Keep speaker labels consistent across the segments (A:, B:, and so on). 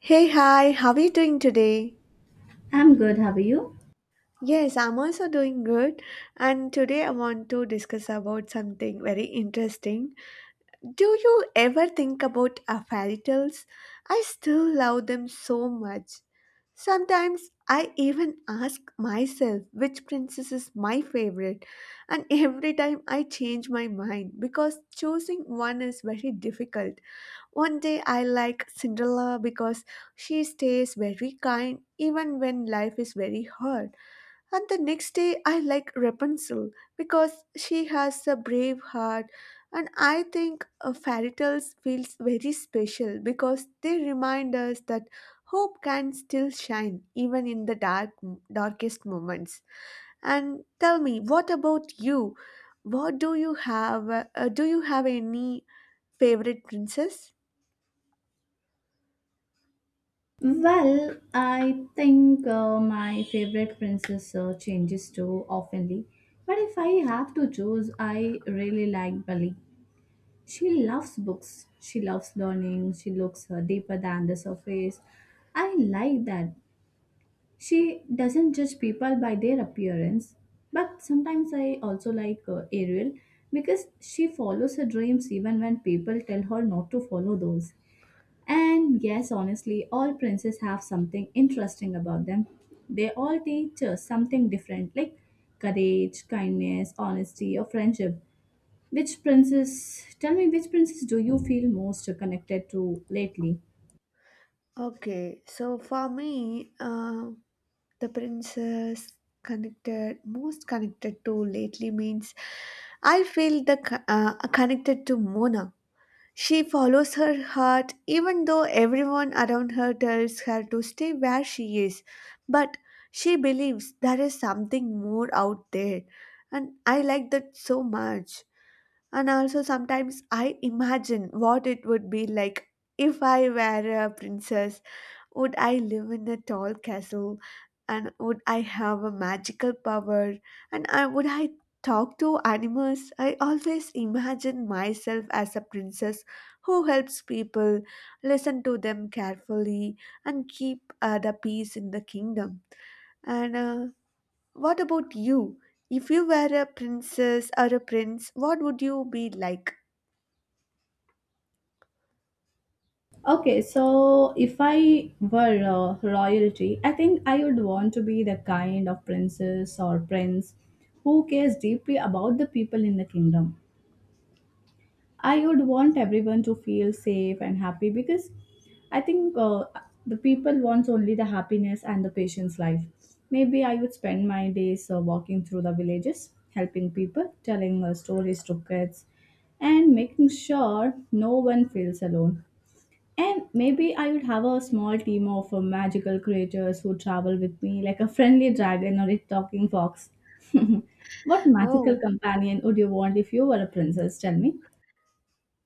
A: Hey, hi, how are you doing today?
B: I'm good, how are you?
A: Yes, I'm also doing good. And today I want to discuss about something very interesting. Do you ever think about fairy tales? I still love them so much. Sometimes I even ask myself which princess is my favorite, and every time I change my mind because choosing one is very difficult. One day I like Cinderella because she stays very kind even when life is very hard. And the next day I like Rapunzel because she has a brave heart. And I think fairy tales feels very special because they remind us that hope can still shine even in the darkest moments. And tell me, what about you? What do you have? Do you have any favorite princess?
B: Well, I think my favorite princess changes too oftenly. But if I have to choose, I really like Bali. She loves books, she loves learning, she looks deeper than the surface. I like that. She doesn't judge people by their appearance. But sometimes I also like Ariel because she follows her dreams even when people tell her not to follow those. And yes, honestly, all princes have something interesting about them. They all teach us something different, like courage, kindness, honesty, or friendship. Which princess, tell me, which princess do you feel most connected to lately?
A: Okay, so for me, the princess connected most connected to lately means I feel the connected to Mona. She follows her heart even though everyone around her tells her to stay where she is, but she believes there is something more out there, and I like that so much. And also sometimes I imagine what it would be like if I were a princess, would I live in a tall castle? And would I have a magical power? And would I talk to animals? I always imagine myself as a princess who helps people, listen to them carefully, and keep the peace in the kingdom. And what about you? If you were a princess or a prince, what would you be like?
B: Okay, so if I were royalty, I think I would want to be the kind of princess or prince who cares deeply about the people in the kingdom. I would want everyone to feel safe and happy because I think the people wants only the happiness and the patient's life. Maybe I would spend my days walking through the villages, helping people, telling stories to kids, and making sure no one feels alone. And maybe I would have a small team of magical creatures who travel with me, like a friendly dragon or a talking fox. What magical
A: Oh,
B: companion would you want if you were a princess? Tell me.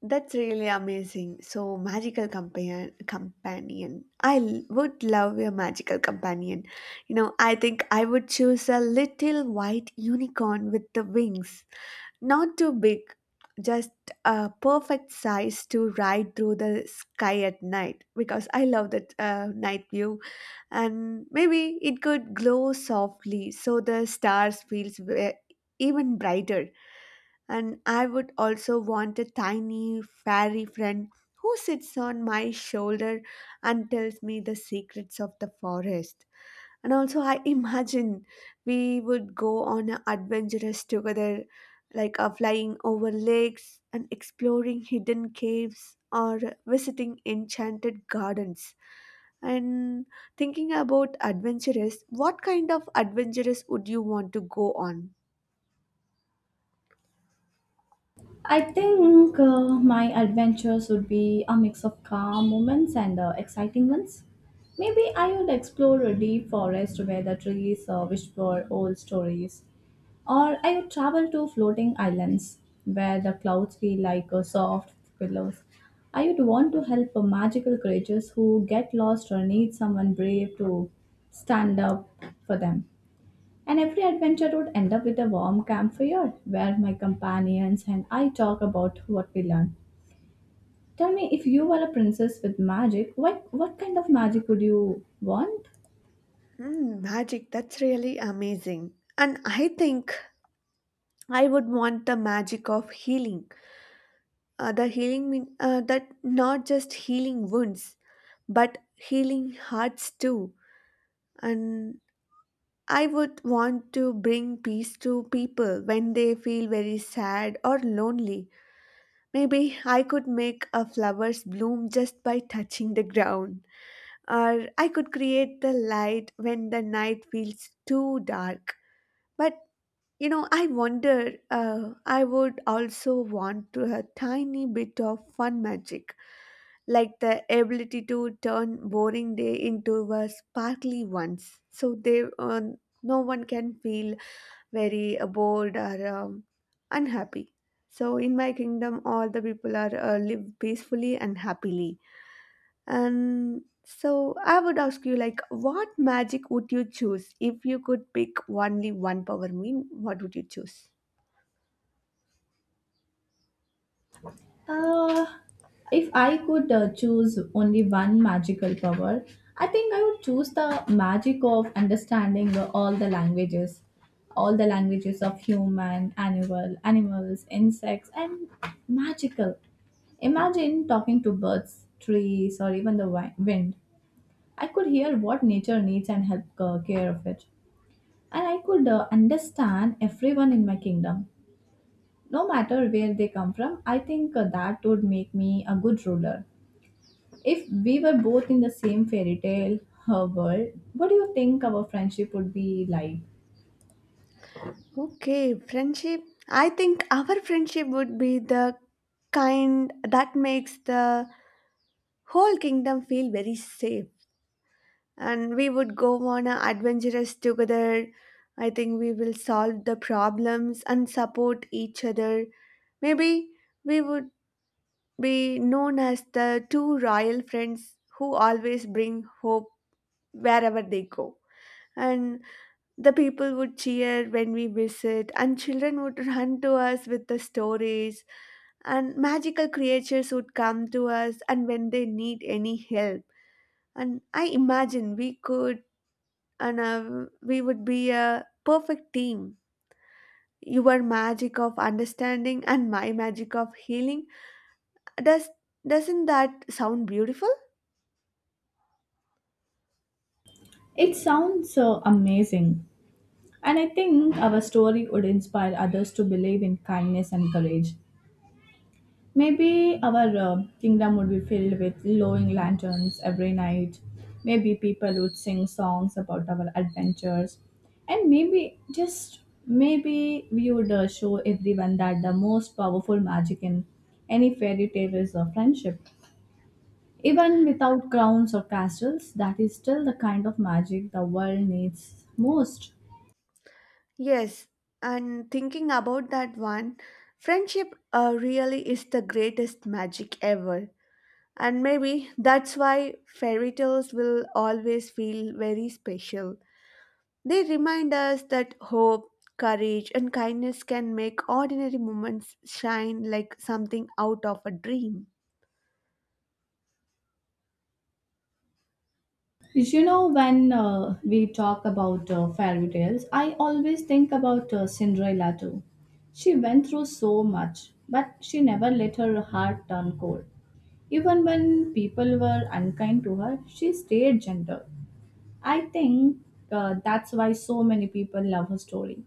A: that's really amazing. So, magical companion. Would love a magical companion. You know, I think I would choose a little white unicorn with the wings. Not too big, just a perfect size to ride through the sky at night because I love that night view. And maybe it could glow softly so the stars feels even brighter, and I would also want a tiny fairy friend who sits on my shoulder and tells me the secrets of the forest. And also, I imagine we would go on a adventures together, like flying over lakes and exploring hidden caves or visiting enchanted gardens. And thinking about adventurous, what kind of adventurous would you want to go on?
B: I think my adventures would be a mix of calm moments and exciting ones. Maybe I would explore a deep forest where the trees whisper old stories, or I would travel to floating islands where the clouds feel like soft pillows. I would want to help magical creatures who get lost or need someone brave to stand up for them. And every adventure would end up with a warm campfire where my companions and I talk about what we learned. Tell me, if you were a princess with magic, what kind of magic would you want?
A: Mm, magic, that's really amazing. And I think I would want the magic of healing. The healing mean that not just healing wounds, but healing hearts too. And I would want to bring peace to people when they feel very sad or lonely. Maybe I could make a flowers bloom just by touching the ground, or I could create the light when the night feels too dark. But you know, I wonder, I would also want to a tiny bit of fun magic, like the ability to turn boring day into a sparkly ones, so they no one can feel very bored or unhappy. So in my kingdom, all the people are live peacefully and happily. And so I would ask you, like, what magic would you choose if you could pick only one power? Mean, what would you choose?
B: Uh, if I could choose only one magical power, I think I would choose the magic of understanding all the languages of human, animals, insects, and magical. Imagine talking to birds, trees, or even the wind. I could hear what nature needs and help care of it. And I could understand everyone in my kingdom. No matter where they come from, I think that would make me a good ruler. If we were both in the same fairy tale world, what do you think our friendship would be like?
A: Okay, friendship. I think our friendship would be the kind that makes the whole kingdom feel very safe. And we would go on a adventures together. I think we will solve the problems and support each other. Maybe we would be known as the two royal friends who always bring hope wherever they go. And the people would cheer when we visit, and children would run to us with the stories, and magical creatures would come to us and when they need any help. And I imagine we could and we would be a perfect team. Your magic of understanding and my magic of healing. Does doesn't that sound beautiful?
B: It sounds so amazing. And I think our story would inspire others to believe in kindness and courage. Maybe our kingdom would be filled with glowing lanterns every night. Maybe people would sing songs about our adventures. And maybe, just maybe, we would show everyone that the most powerful magic in any fairy tale is friendship. Even without crowns or castles, that is still the kind of magic the world needs most.
A: Yes, and thinking about that one, friendship really is the greatest magic ever. And maybe that's why fairy tales will always feel very special. They remind us that hope, courage, and kindness can make ordinary moments shine like something out of a dream.
B: You know, when we talk about fairy tales, I always think about Cinderella too. She went through so much, but she never let her heart turn cold. Even when people were unkind to her, she stayed gentle. I think that's why so many people love her story.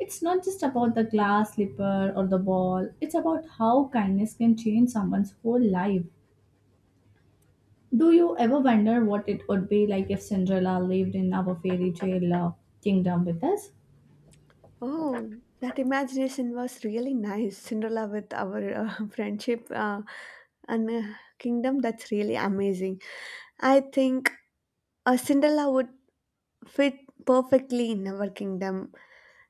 B: It's not just about the glass slipper or the ball, it's about how kindness can change someone's whole life. Do you ever wonder what it would be like if Cinderella lived in our fairy tale kingdom with us?
A: Oh, that imagination was really nice. Cinderella with our friendship and kingdom, that's really amazing. I think Cinderella would fit perfectly in our kingdom.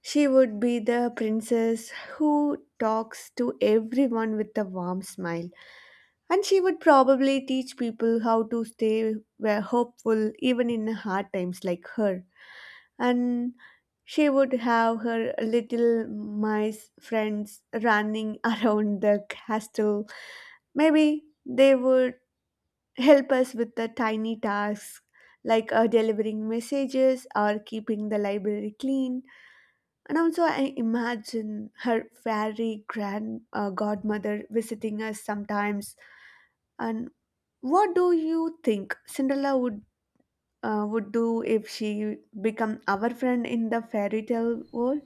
A: She would be the princess who talks to everyone with a warm smile. And she would probably teach people how to stay were hopeful even in hard times like her. And she would have her little mice friends running around the castle. Maybe they would help us with the tiny tasks like delivering messages or keeping the library clean, and also, I imagine her fairy grand godmother visiting us sometimes. And what do you think Cinderella would do if she become our friend in the fairy tale world?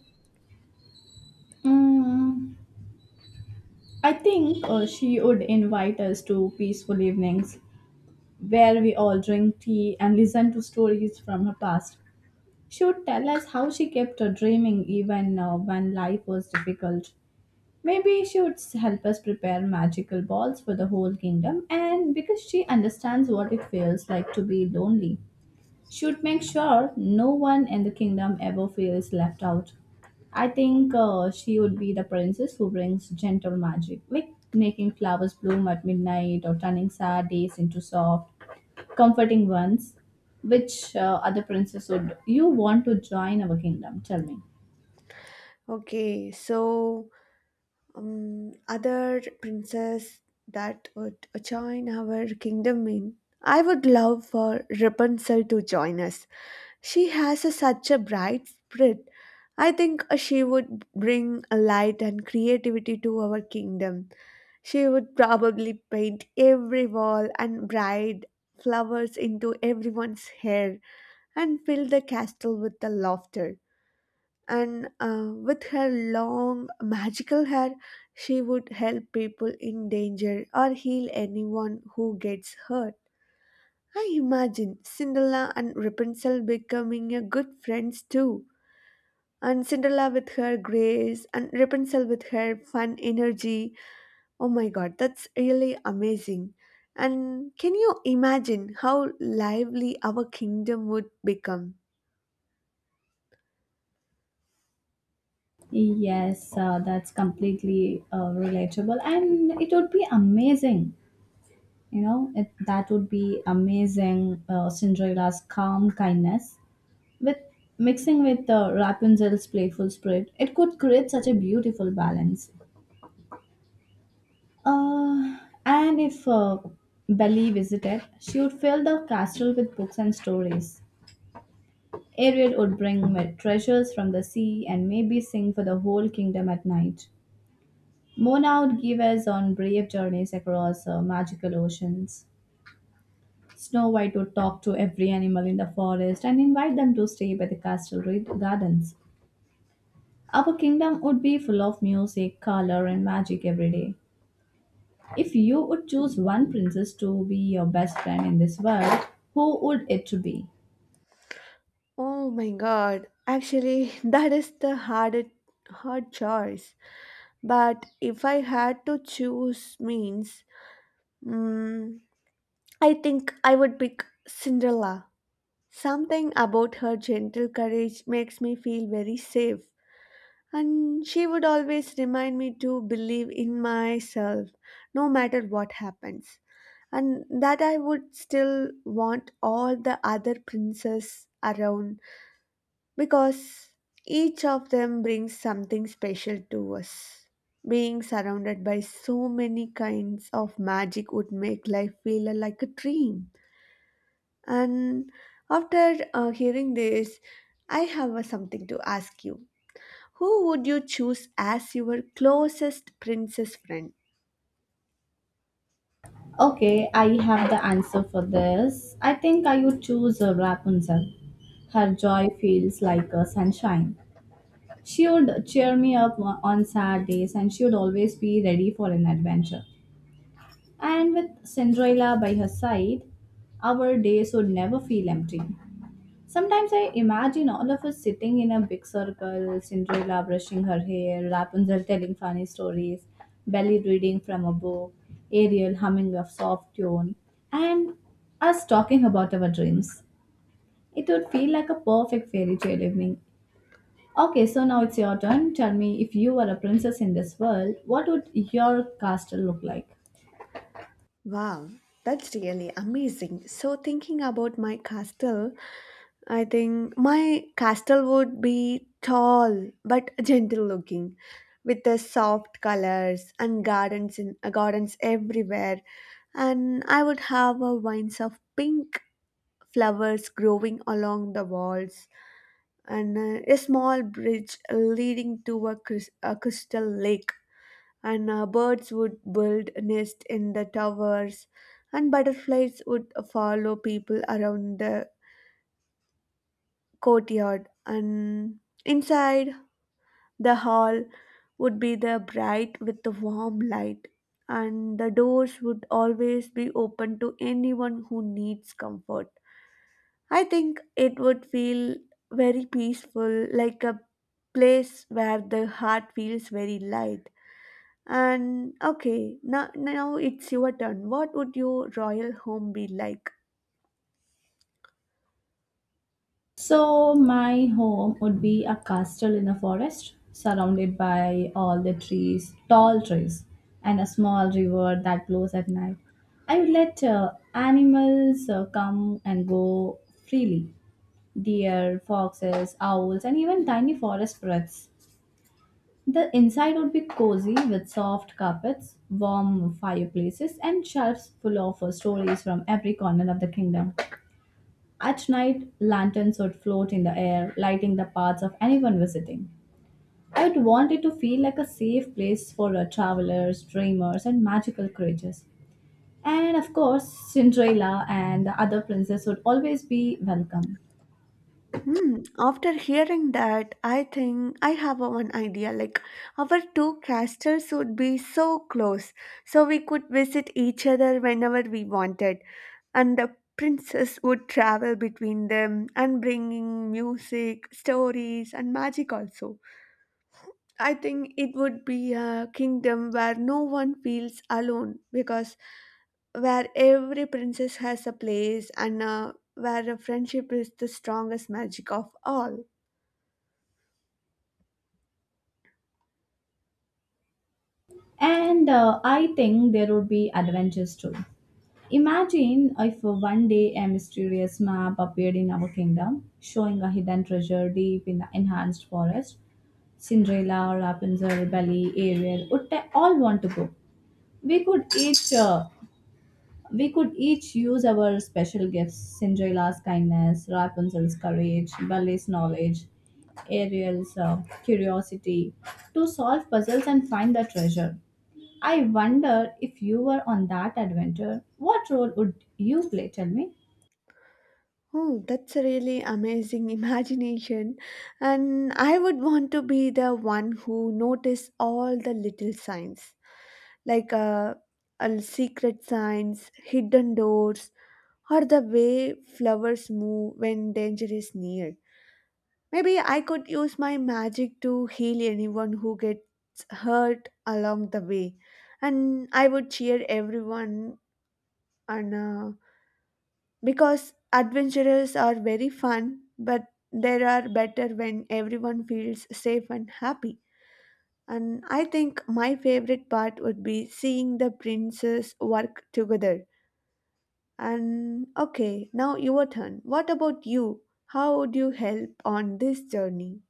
B: Mm, I think she would invite us to peaceful evenings where we all drink tea and listen to stories from her past. She would tell us how she kept her dreaming even when life was difficult. Maybe she would help us prepare magical balls for the whole kingdom, and because she understands what it feels like to be lonely. Should make sure no one in the kingdom ever feels left out. I think she would be the princess who brings gentle magic, like making flowers bloom at midnight or turning sad days into soft, comforting ones. Which other princess would you want to join our kingdom? Tell me.
A: Okay, so other princess that would join our kingdom in. I would love for Rapunzel to join us. She has such a bright spirit. I think she would bring a light and creativity to our kingdom. She would probably paint every wall and braid flowers into everyone's hair and fill the castle with the laughter. And with her long magical hair, she would help people in danger or heal anyone who gets hurt. I imagine Cinderella and Rapunzel becoming a good friends too. And Cinderella with her grace, and Rapunzel with her fun energy. Oh my god, that's really amazing. And can you imagine how lively our kingdom would become?
B: Yes, that's completely relatable, and it would be amazing. You know, that would be amazing. Cinderella's calm kindness with mixing with Rapunzel's playful spirit, it could create such a beautiful balance. Uh, and if Belly visited, she would fill the castle with books and stories. Ariel would bring treasures from the sea and maybe sing for the whole kingdom at night. Mona would give us on brave journeys across magical oceans. Snow White would talk to every animal in the forest and invite them to stay by the castle gardens. Our kingdom would be full of music, color, and magic every day. If you would choose one princess to be your best friend in this world, who would it be?
A: Oh my god, actually, that is the hard choice. But if I had to choose, means, mm, I think I would pick Cinderella. Something about her gentle courage makes me feel very safe. And she would always remind me to believe in myself no matter what happens, and that I would still want all the other princes around because each of them brings something special to us. Being surrounded by so many kinds of magic would make life feel like a dream. And after hearing this, I have something to ask you. Who would you choose as your closest princess friend?
B: Okay, I have the answer for this. I think I would choose Rapunzel. Her joy feels like a sunshine. She would cheer me up on sad days, and she would always be ready for an adventure. And with Cinderella by her side, our days would never feel empty. Sometimes I imagine all of us sitting in a big circle, Cinderella brushing her hair, Rapunzel telling funny stories, Belly reading from a book, Ariel humming a soft tune, and us talking about our dreams. It would feel like a perfect fairy tale evening. Okay, so now it's your turn. Tell me if you were a princess in this world, what would your castle look like?
A: Wow, that's really amazing. So, thinking about my castle, I think my castle would be tall but gentle looking with the soft colors and gardens everywhere, and I would have a vines of pink flowers growing along the walls, and a small bridge leading to a crystal lake, and birds would build nests in the towers, and butterflies would follow people around the courtyard. And inside, the hall would be the bright with the warm light, and the doors would always be open to anyone who needs comfort. I think it would feel very peaceful, like a place where the heart feels very light. And okay, now it's your turn. What would your royal home be like?
B: So, my home would be a castle in a forest, surrounded by all the trees, tall trees, and a small river that blows at night. I would let animals come and go freely: deer, foxes, owls, and even tiny forest birds. The inside would be cozy with soft carpets, warm fireplaces, and shelves full of stories from every corner of the kingdom. At night, lanterns would float in the air, lighting the paths of anyone visiting. I would want it to feel like a safe place for travelers, dreamers, and magical creatures. And of course, Cinderella and the other princess would always be welcome.
A: Hmm, after hearing that, I think I have a one idea. Like, our two castles would be so close, so we could visit each other whenever we wanted. And the princess would travel between them and bringing music, stories, and magic also. I think it would be a kingdom where no one feels alone because where every princess has a place, and where a friendship is the strongest magic of all.
B: And I think there would be adventures too. Imagine if one day a mysterious map appeared in our kingdom, showing a hidden treasure deep in the enhanced forest. Cinderella, Rapunzel, Belle, Ariel would all want to go. We could each uh, we could each use our special gifts. Cinderella's kindness, Rapunzel's courage, Belle's knowledge, Ariel's curiosity to solve puzzles and find the treasure. I wonder if you were on that adventure, what role would you play? Tell me.
A: Oh, that's a really amazing imagination. And I would want to be the one who notice all the little signs, like secret signs, hidden doors, or the way flowers move when danger is near. Maybe I could use my magic to heal anyone who gets hurt along the way. And I would cheer everyone on, because adventurers are very fun, but they are better when everyone feels safe and happy. And I think my favorite part would be seeing the princes work together. And okay, now your turn. What about you? How would you help on this journey?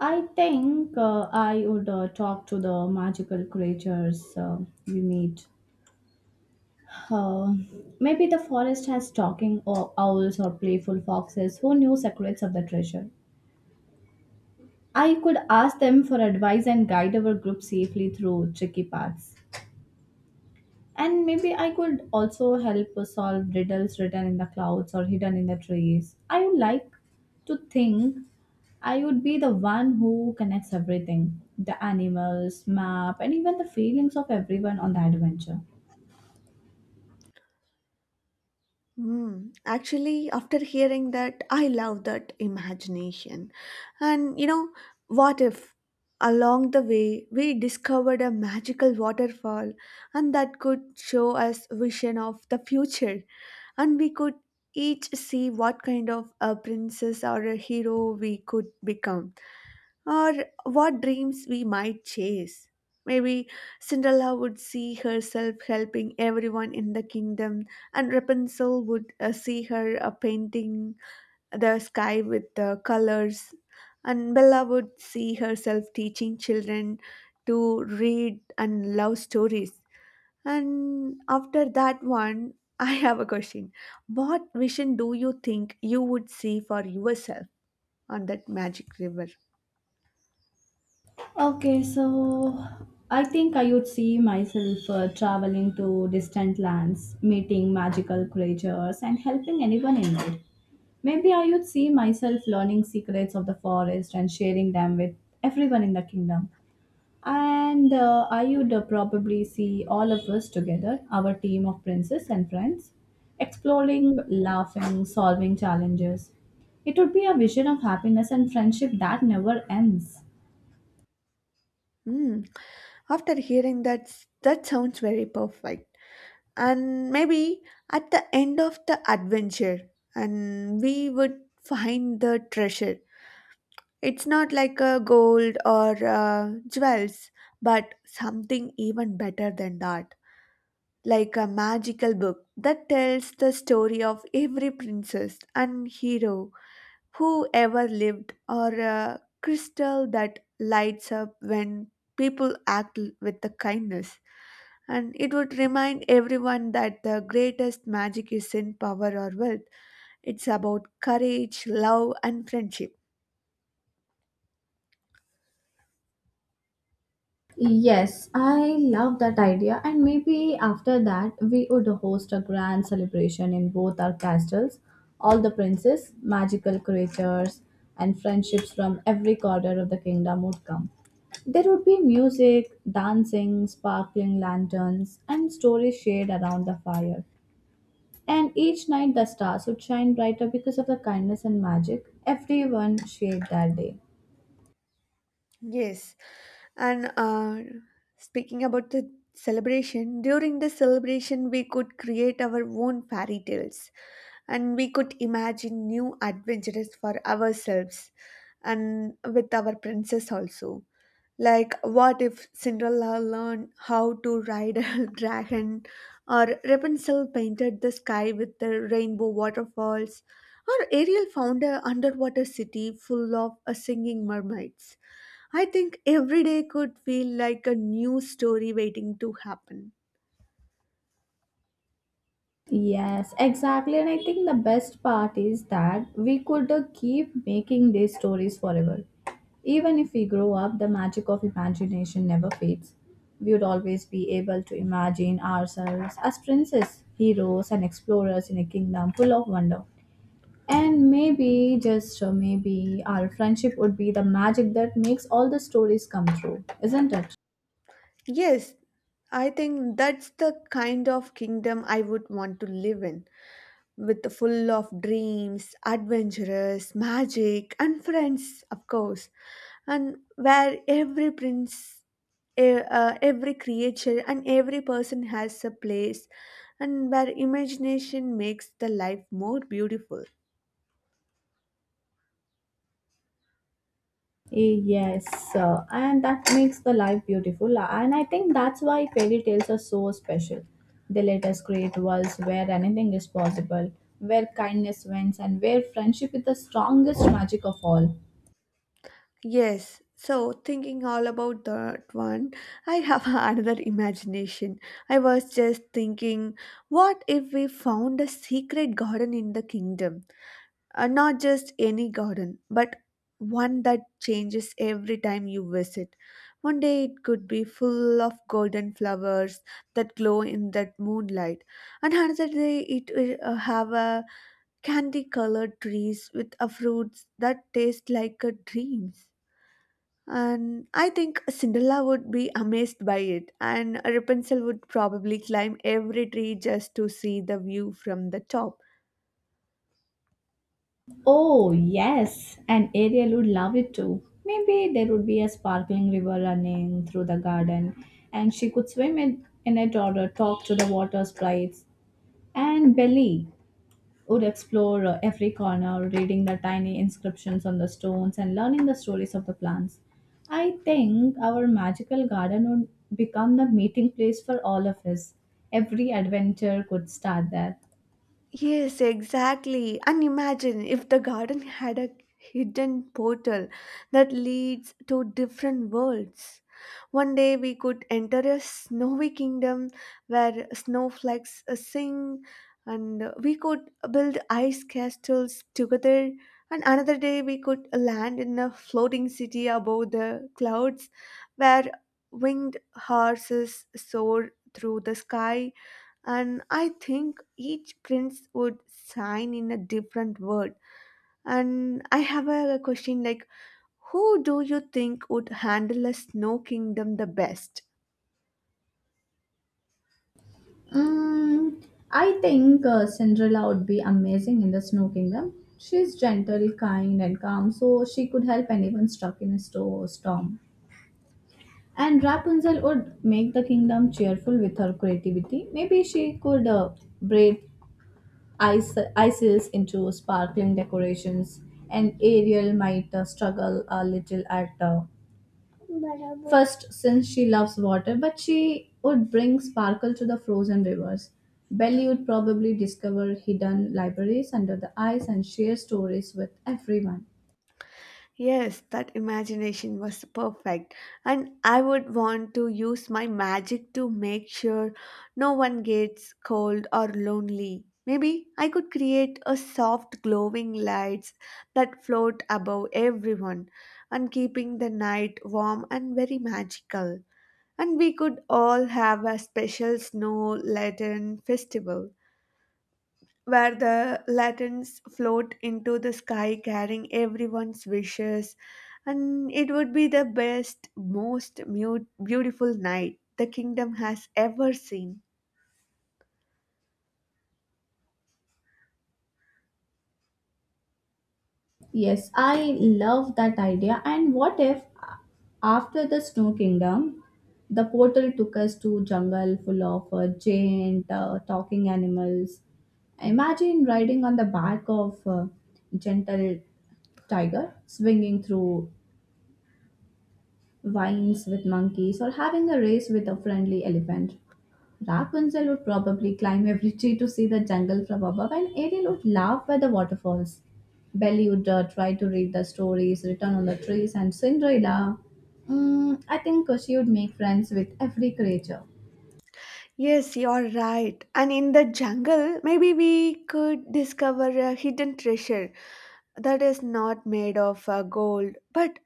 B: I think I would talk to the magical creatures we meet. Uh, Maybe the forest has talking owls or playful foxes who knew secrets of the treasure. I could ask them for advice and guide our group safely through tricky paths. And maybe I could also help solve riddles written in the clouds or hidden in the trees. I would like to think I would be the one who connects everything: the animals, map, and even the feelings of everyone on the adventure.
A: Mm, actually, after hearing that, I love that imagination. And you know, what if along the way we discovered a magical waterfall, and that could show us vision of the future, and we could each see what kind of a princess or a hero we could become, or what dreams we might chase. Maybe Cinderella would see herself helping everyone in the kingdom, and Rapunzel would see her painting the sky with the colors, and Bella would see herself teaching children to read and love stories. And after that one, I have a question. What vision do you think you would see for yourself on that magic river?
B: Okay, so I think I would see myself traveling to distant lands, meeting magical creatures, and helping anyone in need. Maybe I would see myself learning secrets of the forest and sharing them with everyone in the kingdom. And I would probably see all of us together, our team of princes and friends, exploring, laughing, solving challenges. It would be a vision of happiness and friendship that never ends.
A: Hmm. After hearing that, that sounds very perfect. And maybe at the end of the adventure, and we would find the treasure. It's not like a gold or jewels, but something even better than that. Like a magical book that tells the story of every princess and hero who ever lived, or a crystal that lights up when people with the kindness. And it would remind everyone that the greatest magic is in power or wealth. It's about courage, love, and friendship.
B: Yes, I love that idea, and maybe after that we would host a grand celebration in both our castles. All the princes, magical creatures, and friendships from every corner of the kingdom would come. There would be music, dancing, sparkling lanterns, and stories shared around the fire. And each night the stars would shine brighter because of the kindness and magic everyone shared that day.
A: Yes. And Speaking about the celebration, during the celebration, we could create our own fairy tales and we could imagine new adventures for ourselves and with our princess also. Like, what if Cinderella learned how to ride a dragon, or Rapunzel painted the sky with the rainbow waterfalls, or Ariel found an underwater city full of singing mermaids? I think every day could feel like a new story waiting to happen.
B: Yes, exactly. And I think the best part is that we could keep making these stories forever. Even if we grow up, the magic of imagination never fades. We would always be able to imagine ourselves as princes, heroes, and explorers in a kingdom full of wonder. And maybe, just maybe, our friendship would be the magic that makes all the stories come true, isn't it?
A: Yes, I think that's the kind of kingdom I would want to live in, with the full of dreams, adventurous, magic, and friends, of course, and where every prince, every creature, and every person has a place, and where imagination makes the life more beautiful.
B: Yes, and that makes the life beautiful. And I think that's why fairy tales are so special. They let us create worlds where anything is possible, where kindness wins, and where friendship is the strongest magic of all.
A: Yes, so thinking all about that one, I have another imagination. I was just thinking, what if we found a secret garden in the kingdom? Not just any garden, but one that changes every time you visit. One day it could be full of golden flowers that glow in that moonlight, and another day it will have a candy colored trees with a fruits that taste like a dreams. And I think Cinderella would be amazed by it, and Rapunzel would probably climb every tree just to see the view from the top.
B: Oh, yes, and Ariel would love it too. Maybe there would be a sparkling river running through the garden, and she could swim in it, or talk to the water sprites. And Belly would explore every corner, reading the tiny inscriptions on the stones and learning the stories of the plants. I think our magical garden would become the meeting place for all of us. Every adventure could start there.
A: Yes, exactly. And imagine if the garden had a hidden portal that leads to different worlds. One day we could enter a snowy kingdom where snowflakes sing, and we could build ice castles together. And another day we could land in a floating city above the clouds where winged horses soar through the sky. And I think each prince would shine in a different world. And I have a question like, who do you think would handle a snow kingdom the best?
B: Mm, I think Cinderella would be amazing in the Snow Kingdom. She's gentle, kind, and calm, so she could help anyone stuck in a storm. And Rapunzel would make the kingdom cheerful with her creativity. Maybe she could braid ices into sparkling decorations, and Ariel might struggle a little at first since she loves water, but she would bring sparkle to the frozen rivers. Belly would probably discover hidden libraries under the ice and share stories with everyone.
A: Yes, that imagination was perfect, and I would want to use my magic to make sure no one gets cold or lonely. Maybe I could create a soft glowing lights that float above everyone and keeping the night warm and very magical. And we could all have a special snow laden festival where the lanterns float into the sky carrying everyone's wishes, and it would be the best beautiful night the kingdom has ever seen.
B: Yes, I love that idea. And what if after the Snow Kingdom, the portal took us to jungle full of giant talking animals? Imagine riding on the back of a gentle tiger, swinging through vines with monkeys, or having a race with a friendly elephant. Rapunzel would probably climb every tree to see the jungle from above, and Ariel would laugh by the waterfalls. Belly would try to read the stories written on the trees, and Cinderella, mm, I think she would make friends with every creature.
A: Yes, you're right. And in the jungle maybe we could discover a hidden treasure that is not made of gold but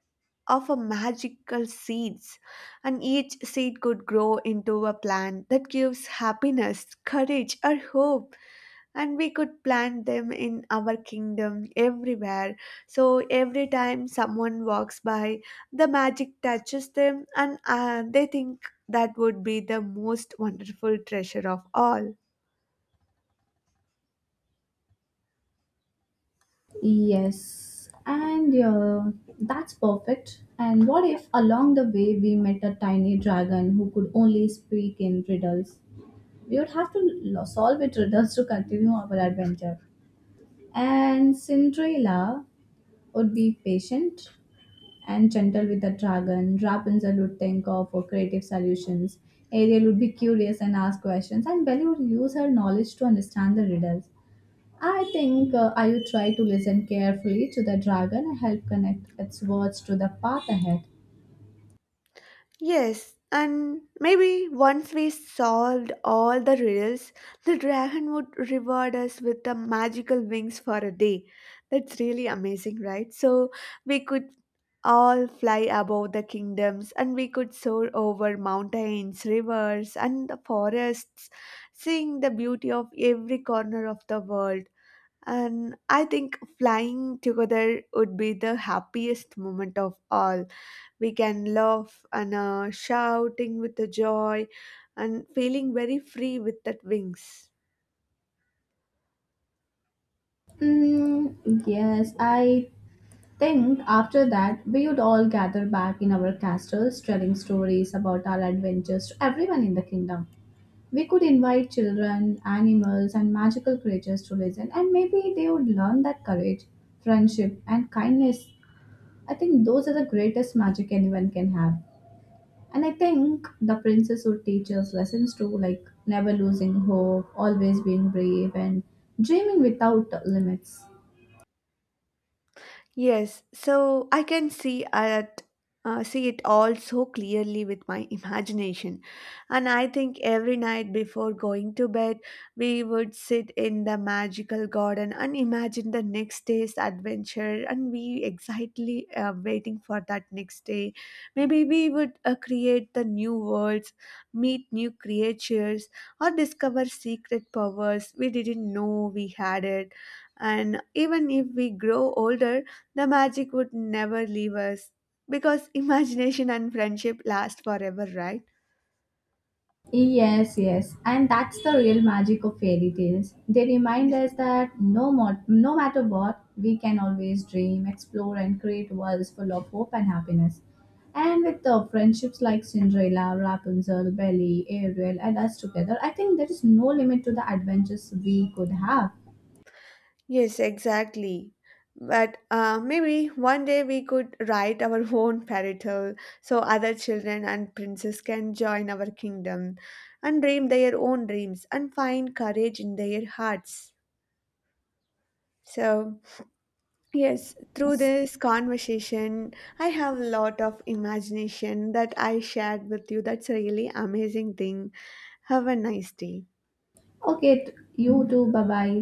A: of a magical seeds, and each seed could grow into a plant that gives happiness, courage, or hope, and we could plant them in our kingdom everywhere, so every time someone walks by, the magic touches them and they think that would be the most wonderful treasure of all.
B: Yes, and that's perfect. And what if along the way we met a tiny dragon who could only speak in riddles? We would have to solve it riddles to continue our adventure. And Cinderella would be patient and gentle with the dragon. Rapunzel would think of creative solutions. Ariel would be curious and ask questions. And Belle would use her knowledge to understand the riddles. I think I would try to listen carefully to the dragon and help connect its words to the path ahead.
A: Yes, and maybe once we solved all the riddles, the dragon would reward us with the magical wings for a day. That's really amazing, right? So we could all fly above the kingdoms and we could soar over mountains, rivers, and the forests, seeing the beauty of every corner of the world. And I think flying together would be the happiest moment of all. We can laugh and shouting with the joy and feeling very free with that wings.
B: Mm, yes, I think after that we would all gather back in our castles telling stories about our adventures to everyone in the kingdom. We could invite children, animals, and magical creatures to listen, and maybe they would learn that courage, friendship, and kindness. I think those are the greatest magic anyone can have. And I think the princess would teach us lessons too, like never losing hope, always being brave, and dreaming without limits.
A: Yes, so I can see at see it all so clearly with my imagination. And I think every night before going to bed, we would sit in the magical garden and imagine the next day's adventure. And we excitedly waiting for that next day. Maybe we would create the new worlds, meet new creatures, or discover secret powers we didn't know we had it. And even if we grow older, the magic would never leave us because imagination and friendship last forever, right?
B: Yes, yes, and that's the real magic of fairy tales. They remind
A: Yes,
B: us that no matter what, we can always dream, explore, and create worlds full of hope and happiness. And with the friendships like Cinderella, Rapunzel, Belly, Ariel, and us together, I think there is no limit to the adventures we could have.
A: yes exactly. But maybe one day we could write our own fairy tale so other children and princes can join our kingdom and dream their own dreams and find courage in their hearts. So, yes, through this conversation, I have a lot of imagination that I shared with you. That's a really amazing thing. Have a nice day.
B: Okay, you too. Bye bye.